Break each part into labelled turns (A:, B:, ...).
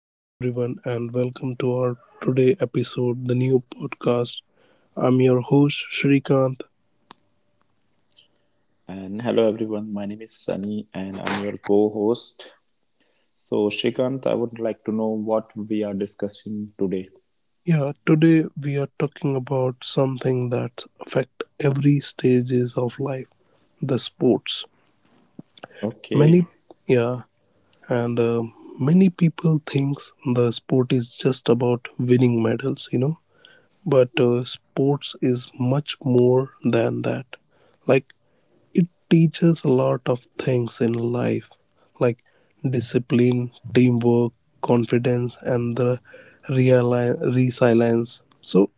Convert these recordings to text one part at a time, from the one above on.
A: Hello, everyone, and welcome to our today episode, the new podcast. I'm your host, Shrikant.
B: And hello everyone, my name is Sunny and I'm your co host. So, Shrikant, I would like to know what we are discussing today.
A: Yeah, today we are talking about something that affect every stages of life, the sports.
B: Okay.
A: Many, yeah, and Many people thinks the sport is just about winning medals. But sports is much more than that. Like It teaches a lot of things in life, like discipline, teamwork, confidence, and the resilience. So,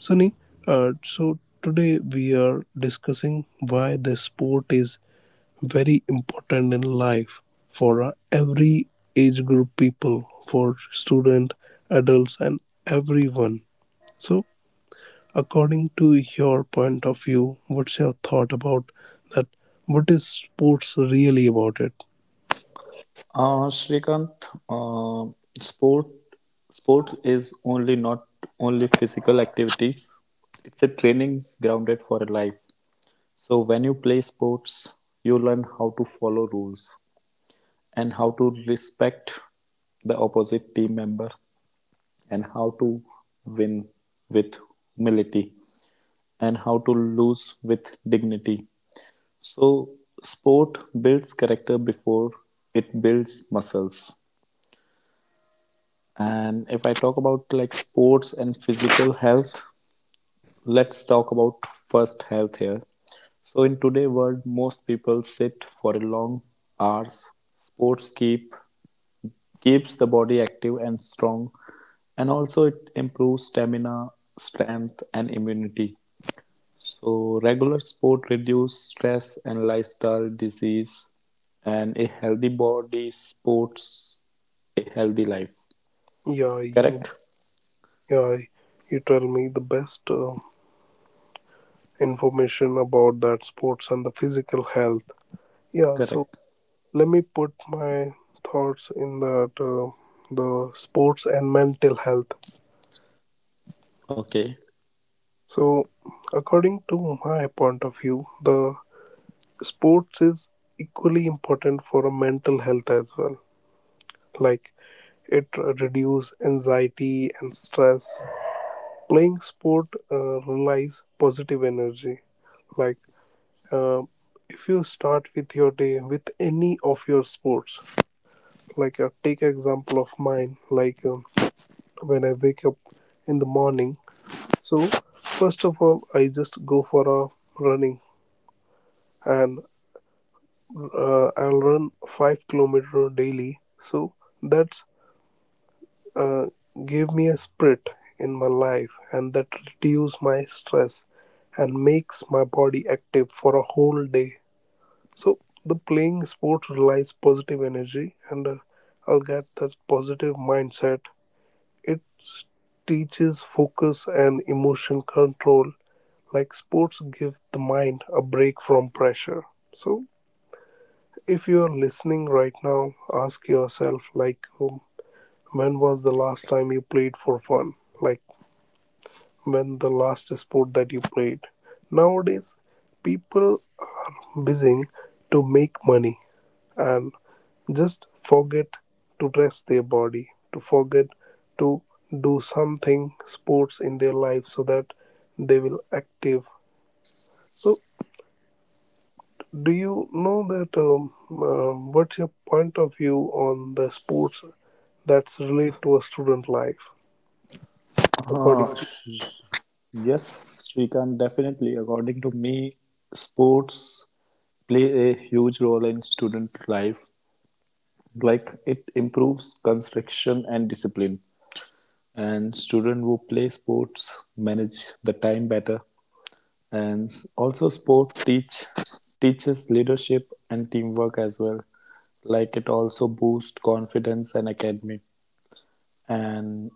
A: Sunny, so today we are discussing why the sport is very important in life for every age group people, for student, adults, and everyone. So, according to your point of view, what's your thought about that? What is sports really about it?
B: Shrikant, uh, sport sport is only not only physical activities. It's a training grounded for a life. So when you play sports, you learn how to follow rules and how to respect the opposite team member and how to win with humility, and how to lose with dignity. So, sport builds character before it builds muscles. And if I talk about like sports and physical health, let's talk about first health here. So, in today's world, most people sit for a long hours. Sports keeps the body active and strong, and also it improves stamina, strength, and immunity. So regular sport reduce stress and lifestyle disease, and a healthy body supports a healthy life.
A: Yeah, you
B: Correct?
A: yeah, you tell me the best information about that sports and the physical health. Yeah, so
B: Correct.
A: let me put my thoughts in that the sports and mental health.
B: Okay.
A: So, according to my point of view, the sports is equally important for a mental health as well. Like It reduces anxiety and stress. Playing sport relies positive energy. Like uh, if you start with your day with any of your sports, like take example of mine. Like when I wake up in the morning, so first of all I just go for a running and I'll run 5 kilometers daily. So that's uh, give me a split in my life, and that reduce my stress and makes my body active for a whole day. So the playing sport relies positive energy, and I'll get that positive mindset. It teaches focus and emotion control, like sports give the mind a break from pressure. So if you are listening right now, ask yourself, like when was the last time you played for fun, like when the last sport that you played. Nowadays, people are busy to make money and just forget to rest their body, to forget to do something sports in their life so that they will active. So, do you know that what's your point of view on the sports that's relate to a student life according
B: Uh,
A: to
B: sh- sh- yes, Shrikant, definitely. According to me, sports play a huge role in student life. Like it improves concentration and discipline. And students who play sports manage the time better. And also sport teaches leadership and teamwork as well. Like it also boosts confidence and academic. And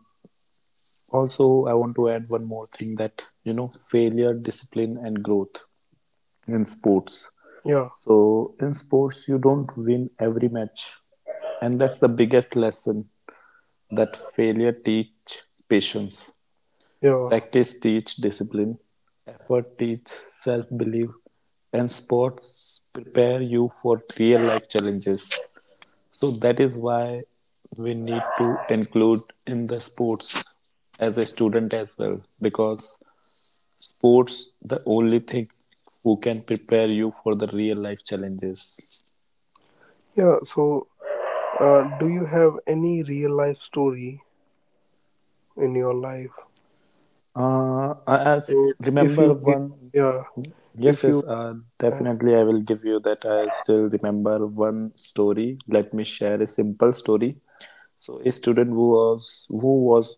B: also I want to add one more thing, that you know failure, discipline and growth in sports.
A: yeah
B: So in sports you don't win every match. And that's the biggest lesson, that failure teach patience.
A: yeah
B: Practice teach, discipline, effort teach, self-belief, and sports prepare you for real-life challenges. So that is why we need to include in the sports as a student as well, because sports the only thing who can prepare you for the real-life challenges.
A: yeah. Do you have any real life story in your life?
B: I
A: So if
B: remember
A: you, give-
B: one.
A: Yeah,
B: Yes,
A: if
B: yes,
A: you, uh,
B: definitely. I will give you that. I still remember one story. Let me share a simple story. So, a student who was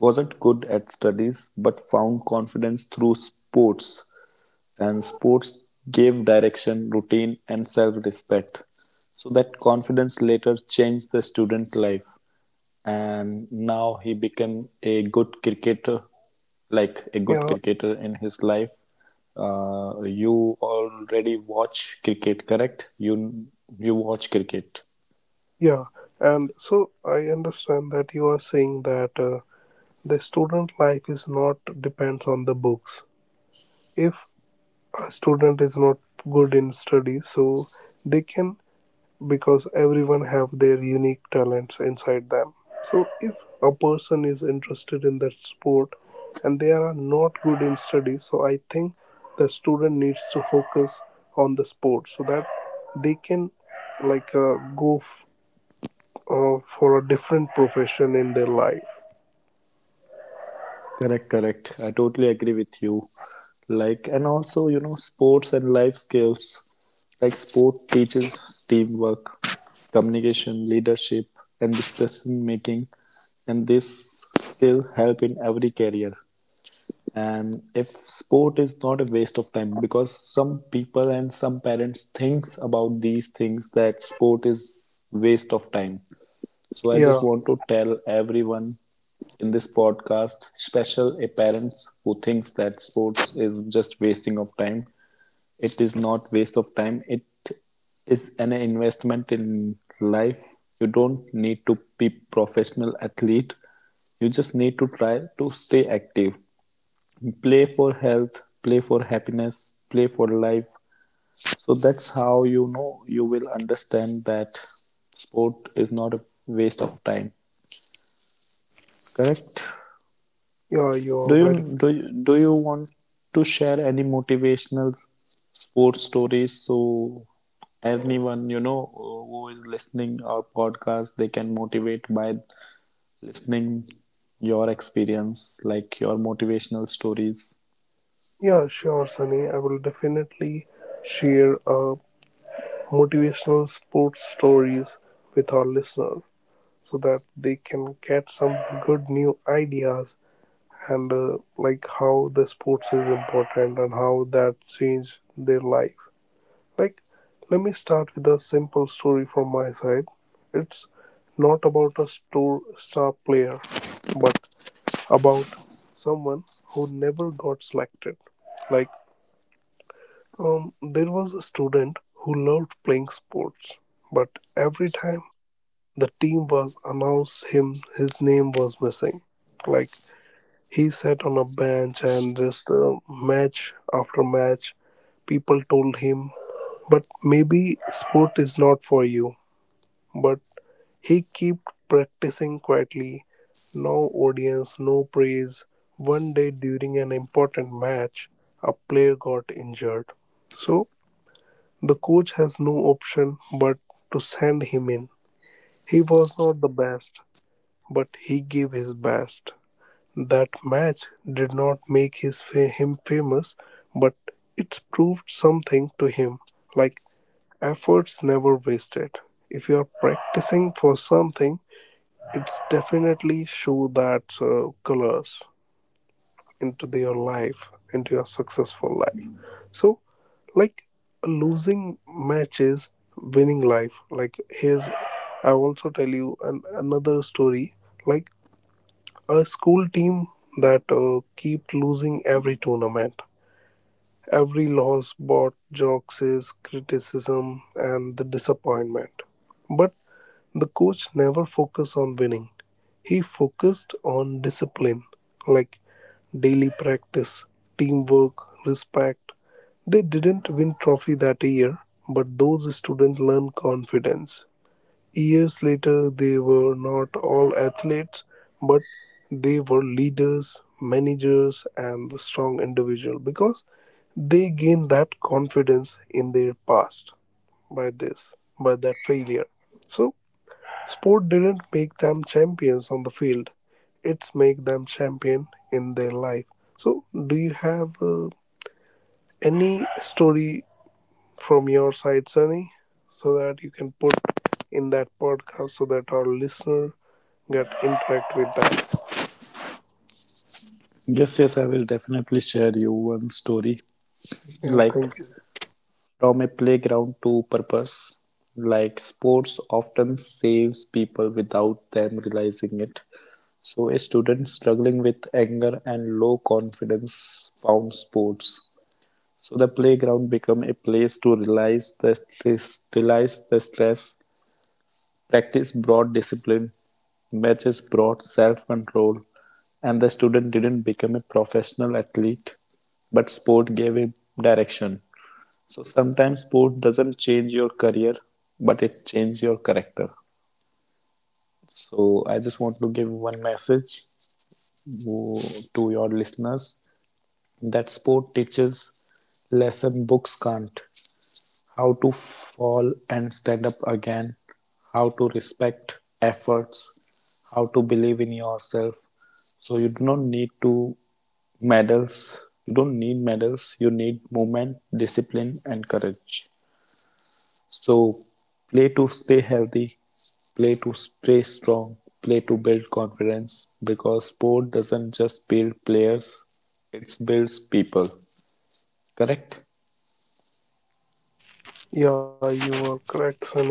B: wasn't good at studies, but found confidence through sports, and sports gave direction, routine, and self-respect. So that confidence later changed the student life, and now he became a good cricketer, like a good
A: yeah,
B: cricketer in his life. You already watch cricket, correct? You watch cricket.
A: yeah, and so I understand that you are saying that the student life is not depends on the books. If a student is not good in studies, so they can, because everyone have their unique talents inside them. So if a person is interested in that sport and they are not good in studies, so I think the student needs to focus on the sport so that they can, like for a different profession in their life.
B: Correct, correct. I totally agree with you. Like, and also, you know, sports and life skills. Like, sport teaches teamwork, communication, leadership, and discussion making. And this skill help in every career. And if sport is not a waste of time, because some people and some parents thinks about these things that sport is waste of time. So I just
A: yeah
B: want to tell everyone in this podcast, special a parents who thinks that sports is just wasting of time. It is not waste of time. It is an investment in life. You don't need to be professional athlete. You just need to try to stay active. Play for health, play for happiness, play for life. So that's how you know you will understand that sport is not a waste of time. Correct.
A: yeah
B: Do
A: you're very
B: you do you, do you want to share any motivational sports stories, so anyone you know who is listening our podcast they can motivate by listening your experience, like your motivational stories.
A: Yeah, sure, Sunny, I will definitely share motivational sports stories with our listeners so that they can get some good new ideas, and like how the sports is important and how that changed their life. Like let me start with a simple story from my side. It's not about a store star player, but about someone who never got selected. Like there was a student who loved playing sports, but every time the team was announced him, his name was missing. Like he sat on a bench, and just match after match people told him, but maybe sport is not for you. But he kept practicing quietly, no audience, no praise. One day during an important match a player got injured. So the coach has no option but to send him in. He was not the best, but he gave his best. That match did not make his him famous, but it's proved something to him, like efforts never wasted. If you are practicing for something, it's definitely show that colors into your life, into your successful life. So, like losing matches, winning life. Like here's, I also tell you another story. Like a school team that kept losing every tournament. Every loss brought jokes, criticism, and the disappointment. But the coach never focused on winning. He focused on discipline, like daily practice, teamwork, respect. They didn't win trophy that year, but those students learned confidence. Years later they were not all athletes, but they were leaders, managers and the strong individual because they gained that confidence in their past by this, by that failure. So sport didn't make them champions on the field. It's make them champion in their life. So do you have any story from your side, Sunny, so that you can put in that podcast so that our listener get interact with that.
B: Yes, yes, I will definitely share you one story,
A: Yeah,
B: like
A: thank you.
B: from a playground to purpose. Like sports often saves people without them realizing it. So a student struggling with anger and low confidence found sports. So the playground became a place to realize the stress, realize the stress. Practice brought discipline. Matches brought self-control, and the student didn't become a professional athlete, but sport gave him direction. So sometimes sport doesn't change your career, but it changes your character. So I just want to give one message to your listeners, that sport teaches lesson books can't: how to fall and stand up again, how to respect efforts, how to believe in yourself. So you do not need to medals. You don't need medals. You need movement, discipline, and courage. So play to stay healthy, play to stay strong, play to build confidence, because sport doesn't just build players, it builds people. Correct?
A: Yeah, you are correct, Sunny.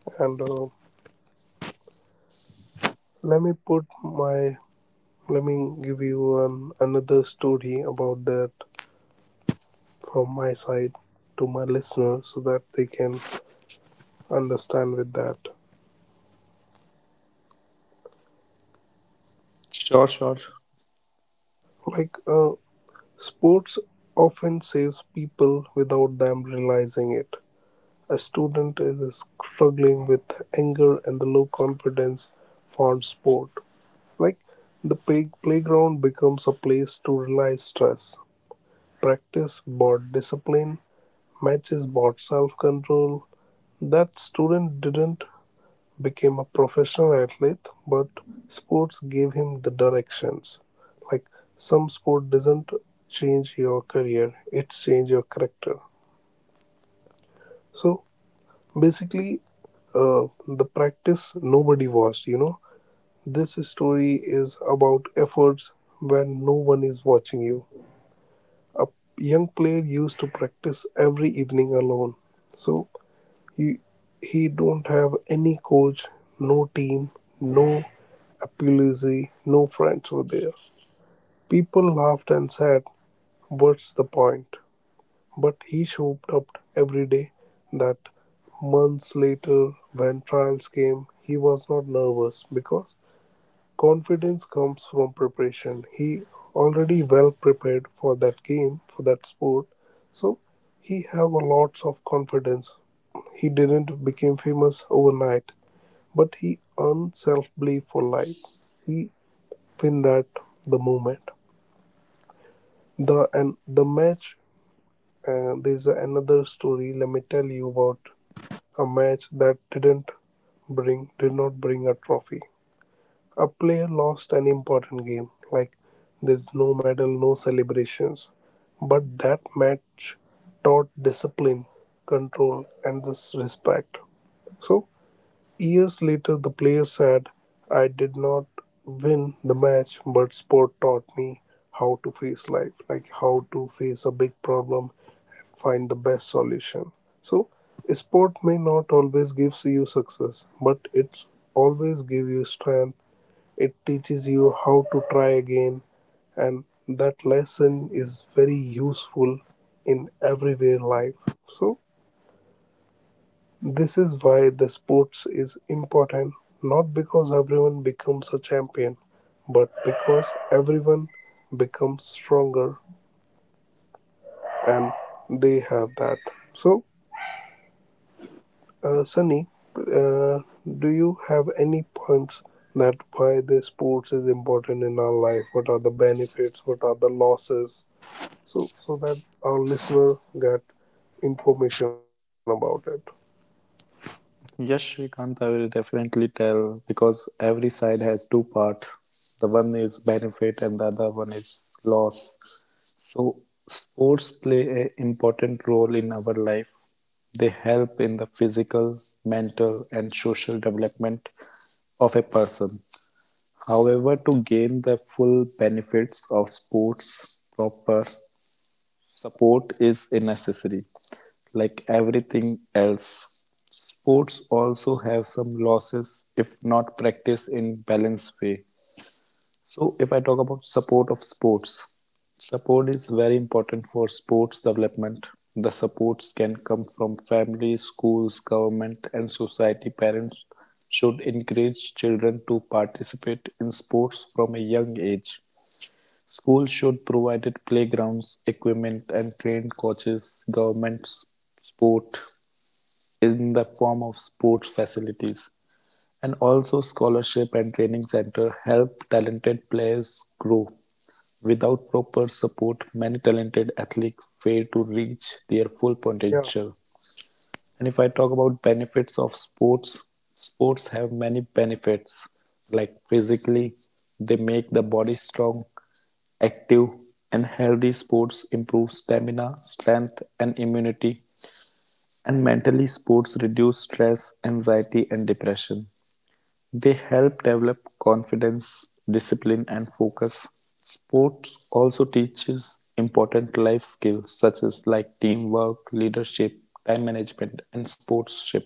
A: And let me put my let me give you another story about that from my side to my listener so that they can understand with that.
B: Sure, sure.
A: Like sports often saves people without them realizing it. A student is struggling with anger and the low confidence found sport. Like the playground becomes a place to release stress. Practice brought discipline, matches brought self control. That student didn't become a professional athlete, but sports gave him the directions. Like some sport doesn't change your career, it changes your character. So basically, the practice nobody watched. This story is about efforts when no one is watching you. A young player used to practice every evening alone. So he, he don't have any coach, no team, no apology, no friends were there. People laughed and said, "What's the point?" But he showed up every day. That months later when trials came, he was not nervous because confidence comes from preparation. He already well prepared for that game, for that sport, so he have a lots of confidence. He didn't become famous overnight, but he earned self belief for life. He win that the moment, the and the match. Uh, there's another story, let me tell you about. A match that did not bring a trophy. A player lost an important game, like there's no medal, no celebrations. But that match taught discipline, control, and this respect. So years later, the player said, "I did not win the match, but sport taught me how to face life, like how to face a big problem, find the best solution. So, sport may not always give you success, but it's always give you strength. It teaches you how to try again, and that lesson is very useful in everyday life. So, this is why the sports is important, not because everyone becomes a champion, but because everyone becomes stronger and they have that. So, uh, Sunny, uh, do you have any points that why the sports is important in our life? What are the benefits? What are the losses? So so that our listener get information about it.
B: Yes, Shrikant, I will definitely tell because every side has two part. The one is benefit and the other one is loss. So sports play an important role in our life. They help in the physical, mental and social development of a person. However, to gain the full benefits of sports, proper support is a necessary, like everything else. Sports also have some losses if not practiced in balanced way. So if I talk about support of sports, support is very important for sports development. The supports can come from family, schools, government, and society. Parents should encourage children to participate in sports from a young age. Schools should provide playgrounds, equipment and trained coaches, government support in the form of sports facilities, and also scholarship and training center help talented players grow. Without proper support, many talented athletes fail to reach their full
A: Yeah,
B: potential. And if I talk about benefits of sports, sports have many benefits. Like physically, they make the body strong, active, and healthy. Sports improve stamina, strength, and immunity. And mentally, sports reduce stress, anxiety, and depression. They help develop confidence, discipline and focus. Sports also teaches important life skills such as like teamwork, leadership, time management and sportsmanship.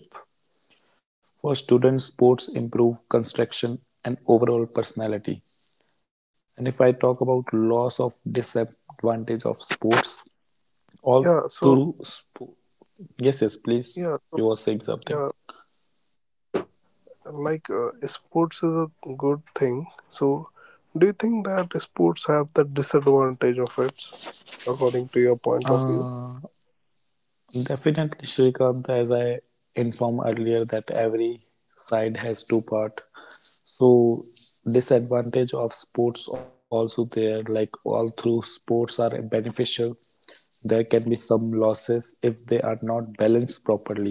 B: For students, sports improve construction and overall personality. And if I talk about loss of disadvantage of sports, all through
A: yeah.
B: sport. Yes, yes, please. You were
A: Yeah,
B: saying
A: so,
B: something.
A: yeah. Like sports is a good thing. So do you think that sports have the disadvantage of it, according to your point of view?
B: Uh, Definitely, Shrikant, as I informed earlier, that every side has two part. So disadvantage of sports also there, like all through sports are beneficial. There can be some losses if they are not balanced properly.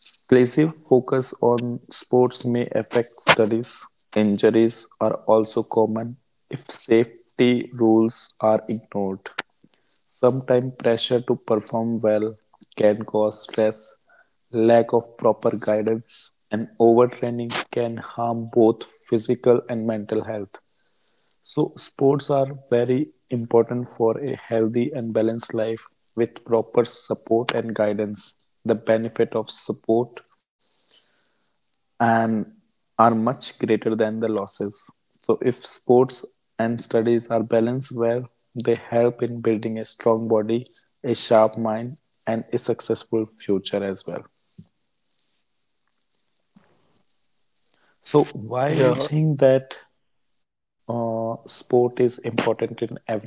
B: Exclusive focus on sports may affect studies. Injuries are also common if safety rules are ignored. Sometimes pressure to perform well can cause stress, lack of proper guidance, and overtraining can harm both physical and mental health. So, sports are very important for a healthy and balanced life with proper support and guidance. The benefit of support and are much greater than the losses. So, if sports and studies are balanced well, they help in building a strong body, a sharp mind, and a successful future as well. So, why you
A: Yeah.
B: think that sport is important in every life?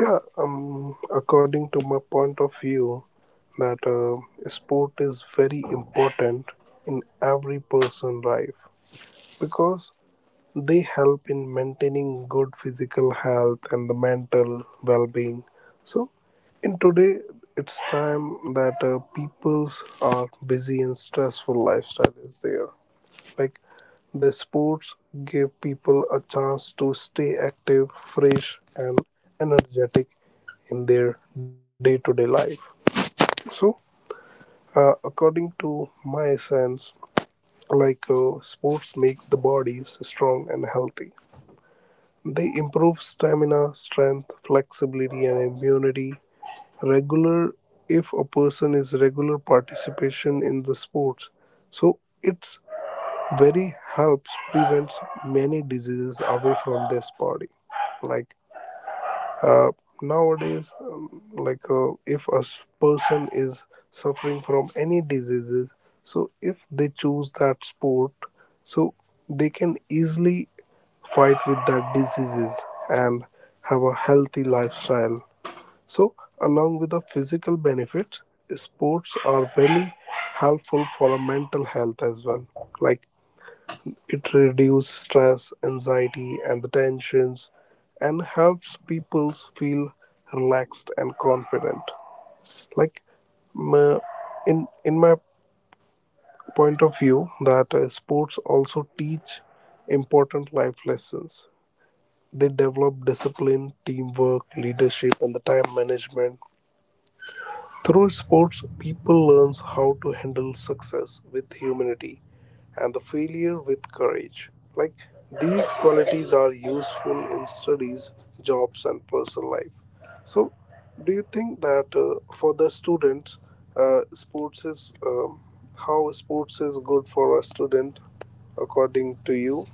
A: Yeah, according to my point of view, that sport is very important in every person life because they help in maintaining good physical health and the mental well-being. So, in today, it's time that people's are busy and stressful lifestyle is there. Like the sports give people a chance to stay active, fresh, and energetic in their day-to-day life. So according to my sense, like sports make the bodies strong and healthy. They improve stamina, strength, flexibility and immunity. Regular, if a person is regular participation in the sports, so it's very helps prevents many diseases away from this body. Like uh, nowadays, if a person is suffering from any diseases, so if they choose that sport, so they can easily fight with that diseases and have a healthy lifestyle. So along with the physical benefits, sports are very helpful for a mental health as well. Like it reduces stress, anxiety, and the tensions, and helps people feel relaxed and confident. Like m- in my point of view that sports also teach important life lessons. They develop discipline, teamwork, leadership and the time management. Through sports, people learns how to handle success with humanity and the failure with courage. Like these qualities are useful in studies, jobs, and personal life. So, do you think that for the students, sports is how sports is good for a student according to you?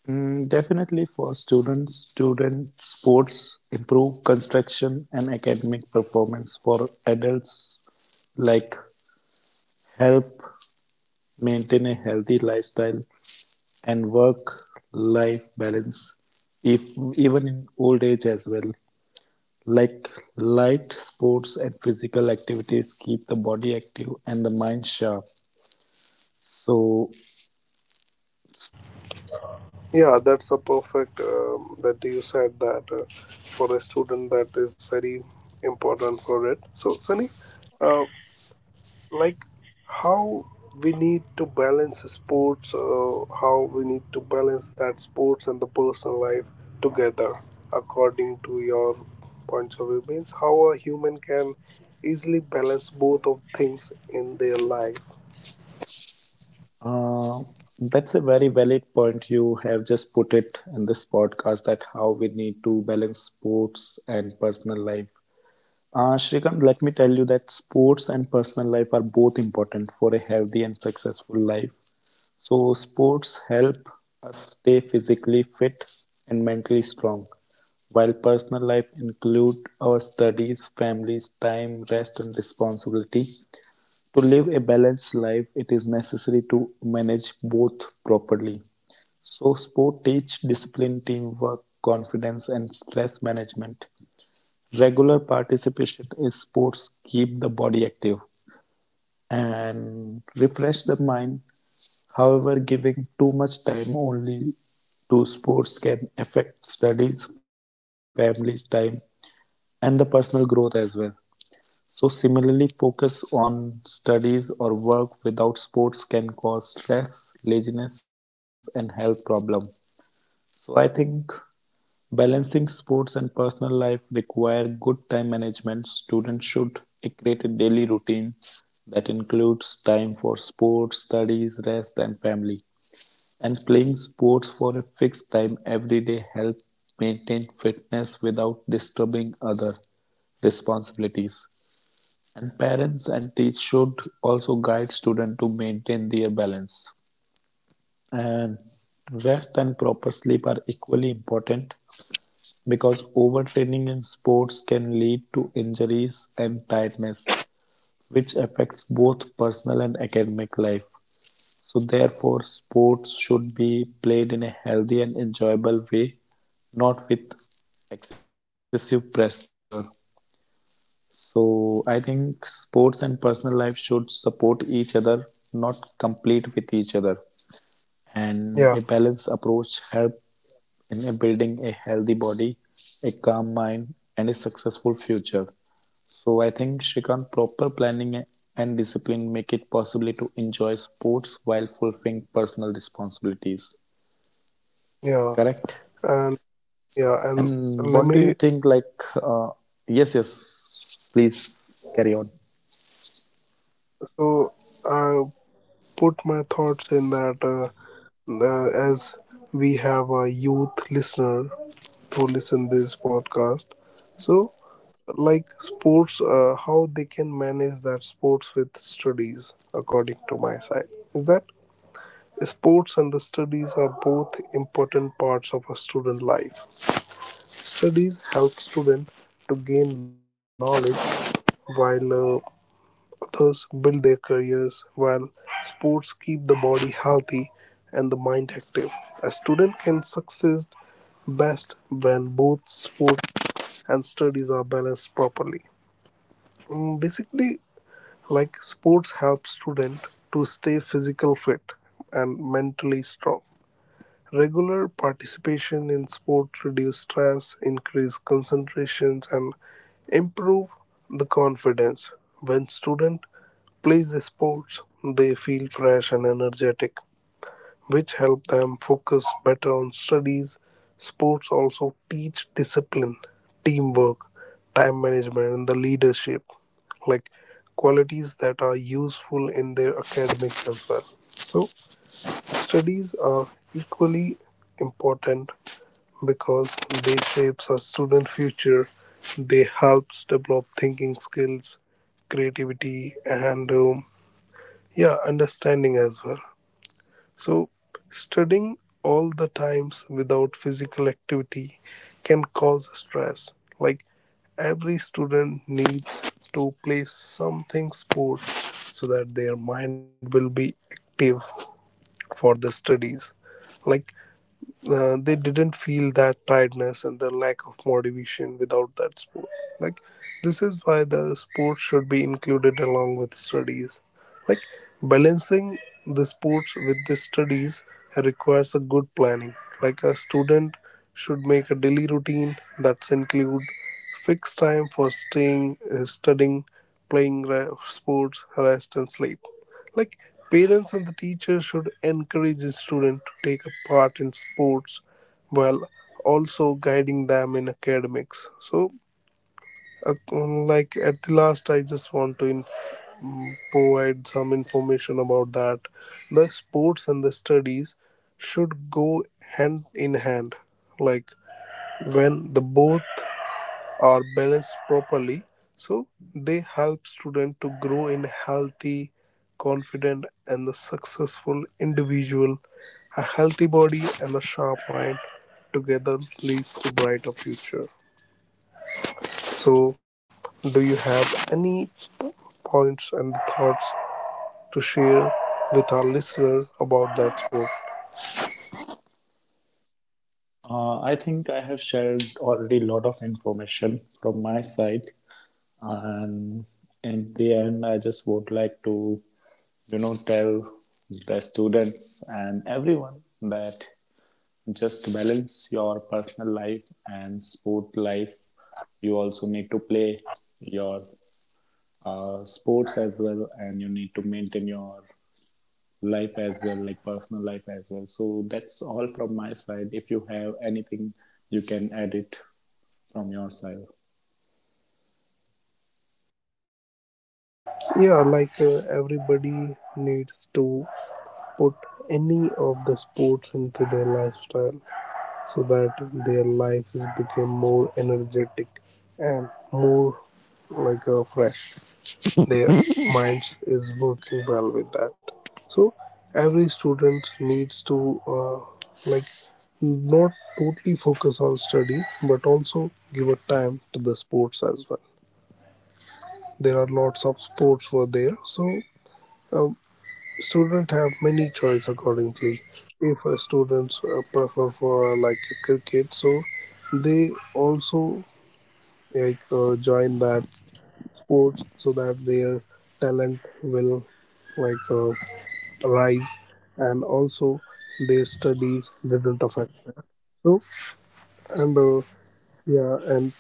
B: Mm, definitely for students, student sports improve construction and academic performance. For adults, like help maintain a healthy lifestyle and work life balance, if even in old age as well, like light sports and physical activities keep the body active and the mind sharp. So
A: Yeah, that's a perfect that you said that for a student that is very important for it. So, Sunny, uh, like how we need to balance sports, how we need to balance that sports and the personal life together, according to your points of view, means how a human can easily balance both of things in their life.
B: uh, that's a very valid point you have just put it in this podcast, that how we need to balance sports and personal life. Shrikant, let me tell you that sports and personal life are both important for a healthy and successful life. So sports help us stay physically fit and mentally strong, while personal life include our studies, families, time, rest and responsibility. To live a balanced life, it is necessary to manage both properly. So sport teach discipline, teamwork, confidence and stress management. Regular participation in sports keep the body active and refresh the mind. However, giving too much time only to sports can affect studies, family's time, and the personal growth as well. So, similarly, focus on studies or work without sports can cause stress, laziness, and health problems. So, I think balancing sports and personal life require good time management. Students should create a daily routine that includes time for sports, studies, rest, and family. And playing sports for a fixed time every day helps maintain fitness without disturbing other responsibilities. And parents and teachers should also guide students to maintain their balance. And rest and proper sleep are equally important because overtraining in sports can lead to injuries and tiredness, which affects both personal and academic life. So therefore sports should be played in a healthy and enjoyable way, not with excessive pressure. So I think sports and personal life should support each other, not compete with each other.
A: Yeah,
B: And a balanced approach help in building a healthy body, a calm mind, and a successful future. So I think Shrikant, proper planning and discipline make it possible to enjoy sports while fulfilling personal responsibilities.
A: yeah, and
B: Correct?
A: yeah, and let me
B: And what do you think? Like, uh, yes, yes, please carry on.
A: so I put my thoughts in that, as we have a youth listener who listen this podcast, so like sports, how they can manage that sports with studies according to my side is that sports and the studies are both important parts of a student life. Studies help student to gain knowledge, while others build their careers, while sports keep the body healthy and the mind active. A student can succeed best when both sports and studies are balanced properly. Basically, like sports help students to stay physical fit and mentally strong. Regular participation in sport reduce stress, increase concentrations, and improve the confidence. When student plays sports, they feel fresh and energetic, which help them focus better on studies. Sports also teach discipline, teamwork, time management, and the leadership, like qualities that are useful in their academics as well. So, studies are equally important because they shapes a student future. They helps develop thinking skills, creativity, and yeah, understanding as well. So, studying all the times without physical activity can cause stress. Like every student needs to play something sport so that their mind will be active for the studies. Like, they didn't feel that tiredness and the lack of motivation without that sport. Like, this is why the sport should be included along with studies. Like, balancing the sports with the studies requires a good planning. Like, a student should make a daily routine that's include fixed time for studying, playing sports, rest, and sleep, like parents and the teachers should encourage the student to take a part in sports while also guiding them in academics, so uh, like at the last I just want to provide some information about that the sports and the studies should go hand in hand. Like when the both are balanced properly, so they help student to grow in healthy, confident and the successful individual. A healthy body and a sharp mind together leads to brighter future. So do you have any points and thoughts to share with our listeners about that sport?
B: I think I have shared already a lot of information from my side, and in the end, I just would like to, you know, tell the students and everyone that just balance your personal life and sport life. You also need to play your sports as well, and you need to maintain your life as well, like personal life as well. So that's all from my side. If you have anything you can add it from your side.
A: Yeah, like, everybody needs to put any of the sports into their lifestyle so that their life is become more energetic and more like, fresh, their minds is working well with that. So every student needs to uh, like not totally focus on study but also give a time to the sports as well. There are lots of sports were there. Uh, Students have many choice accordingly. If a students prefer for like cricket, so they also join that sport so that their talent will like uh, rise, and also their studies didn't affect them. So and uh, yeah, and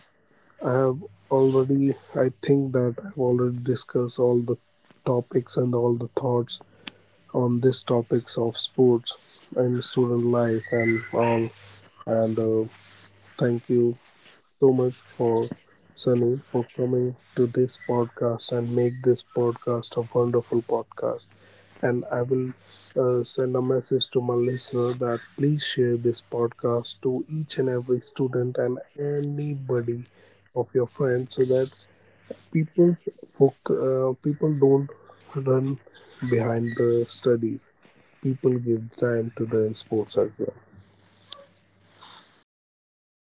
A: I have already I think that I've already discussed all the topics and all the thoughts on these topics of sports and student life and all. And Thank you so much for Sunny for coming to this podcast and make this podcast a wonderful podcast. And I will send a message to my listener that please share this podcast to each and every student and anybody of your friends so that people people don't run behind the studies, people give time to the sports as well.
B: Correct,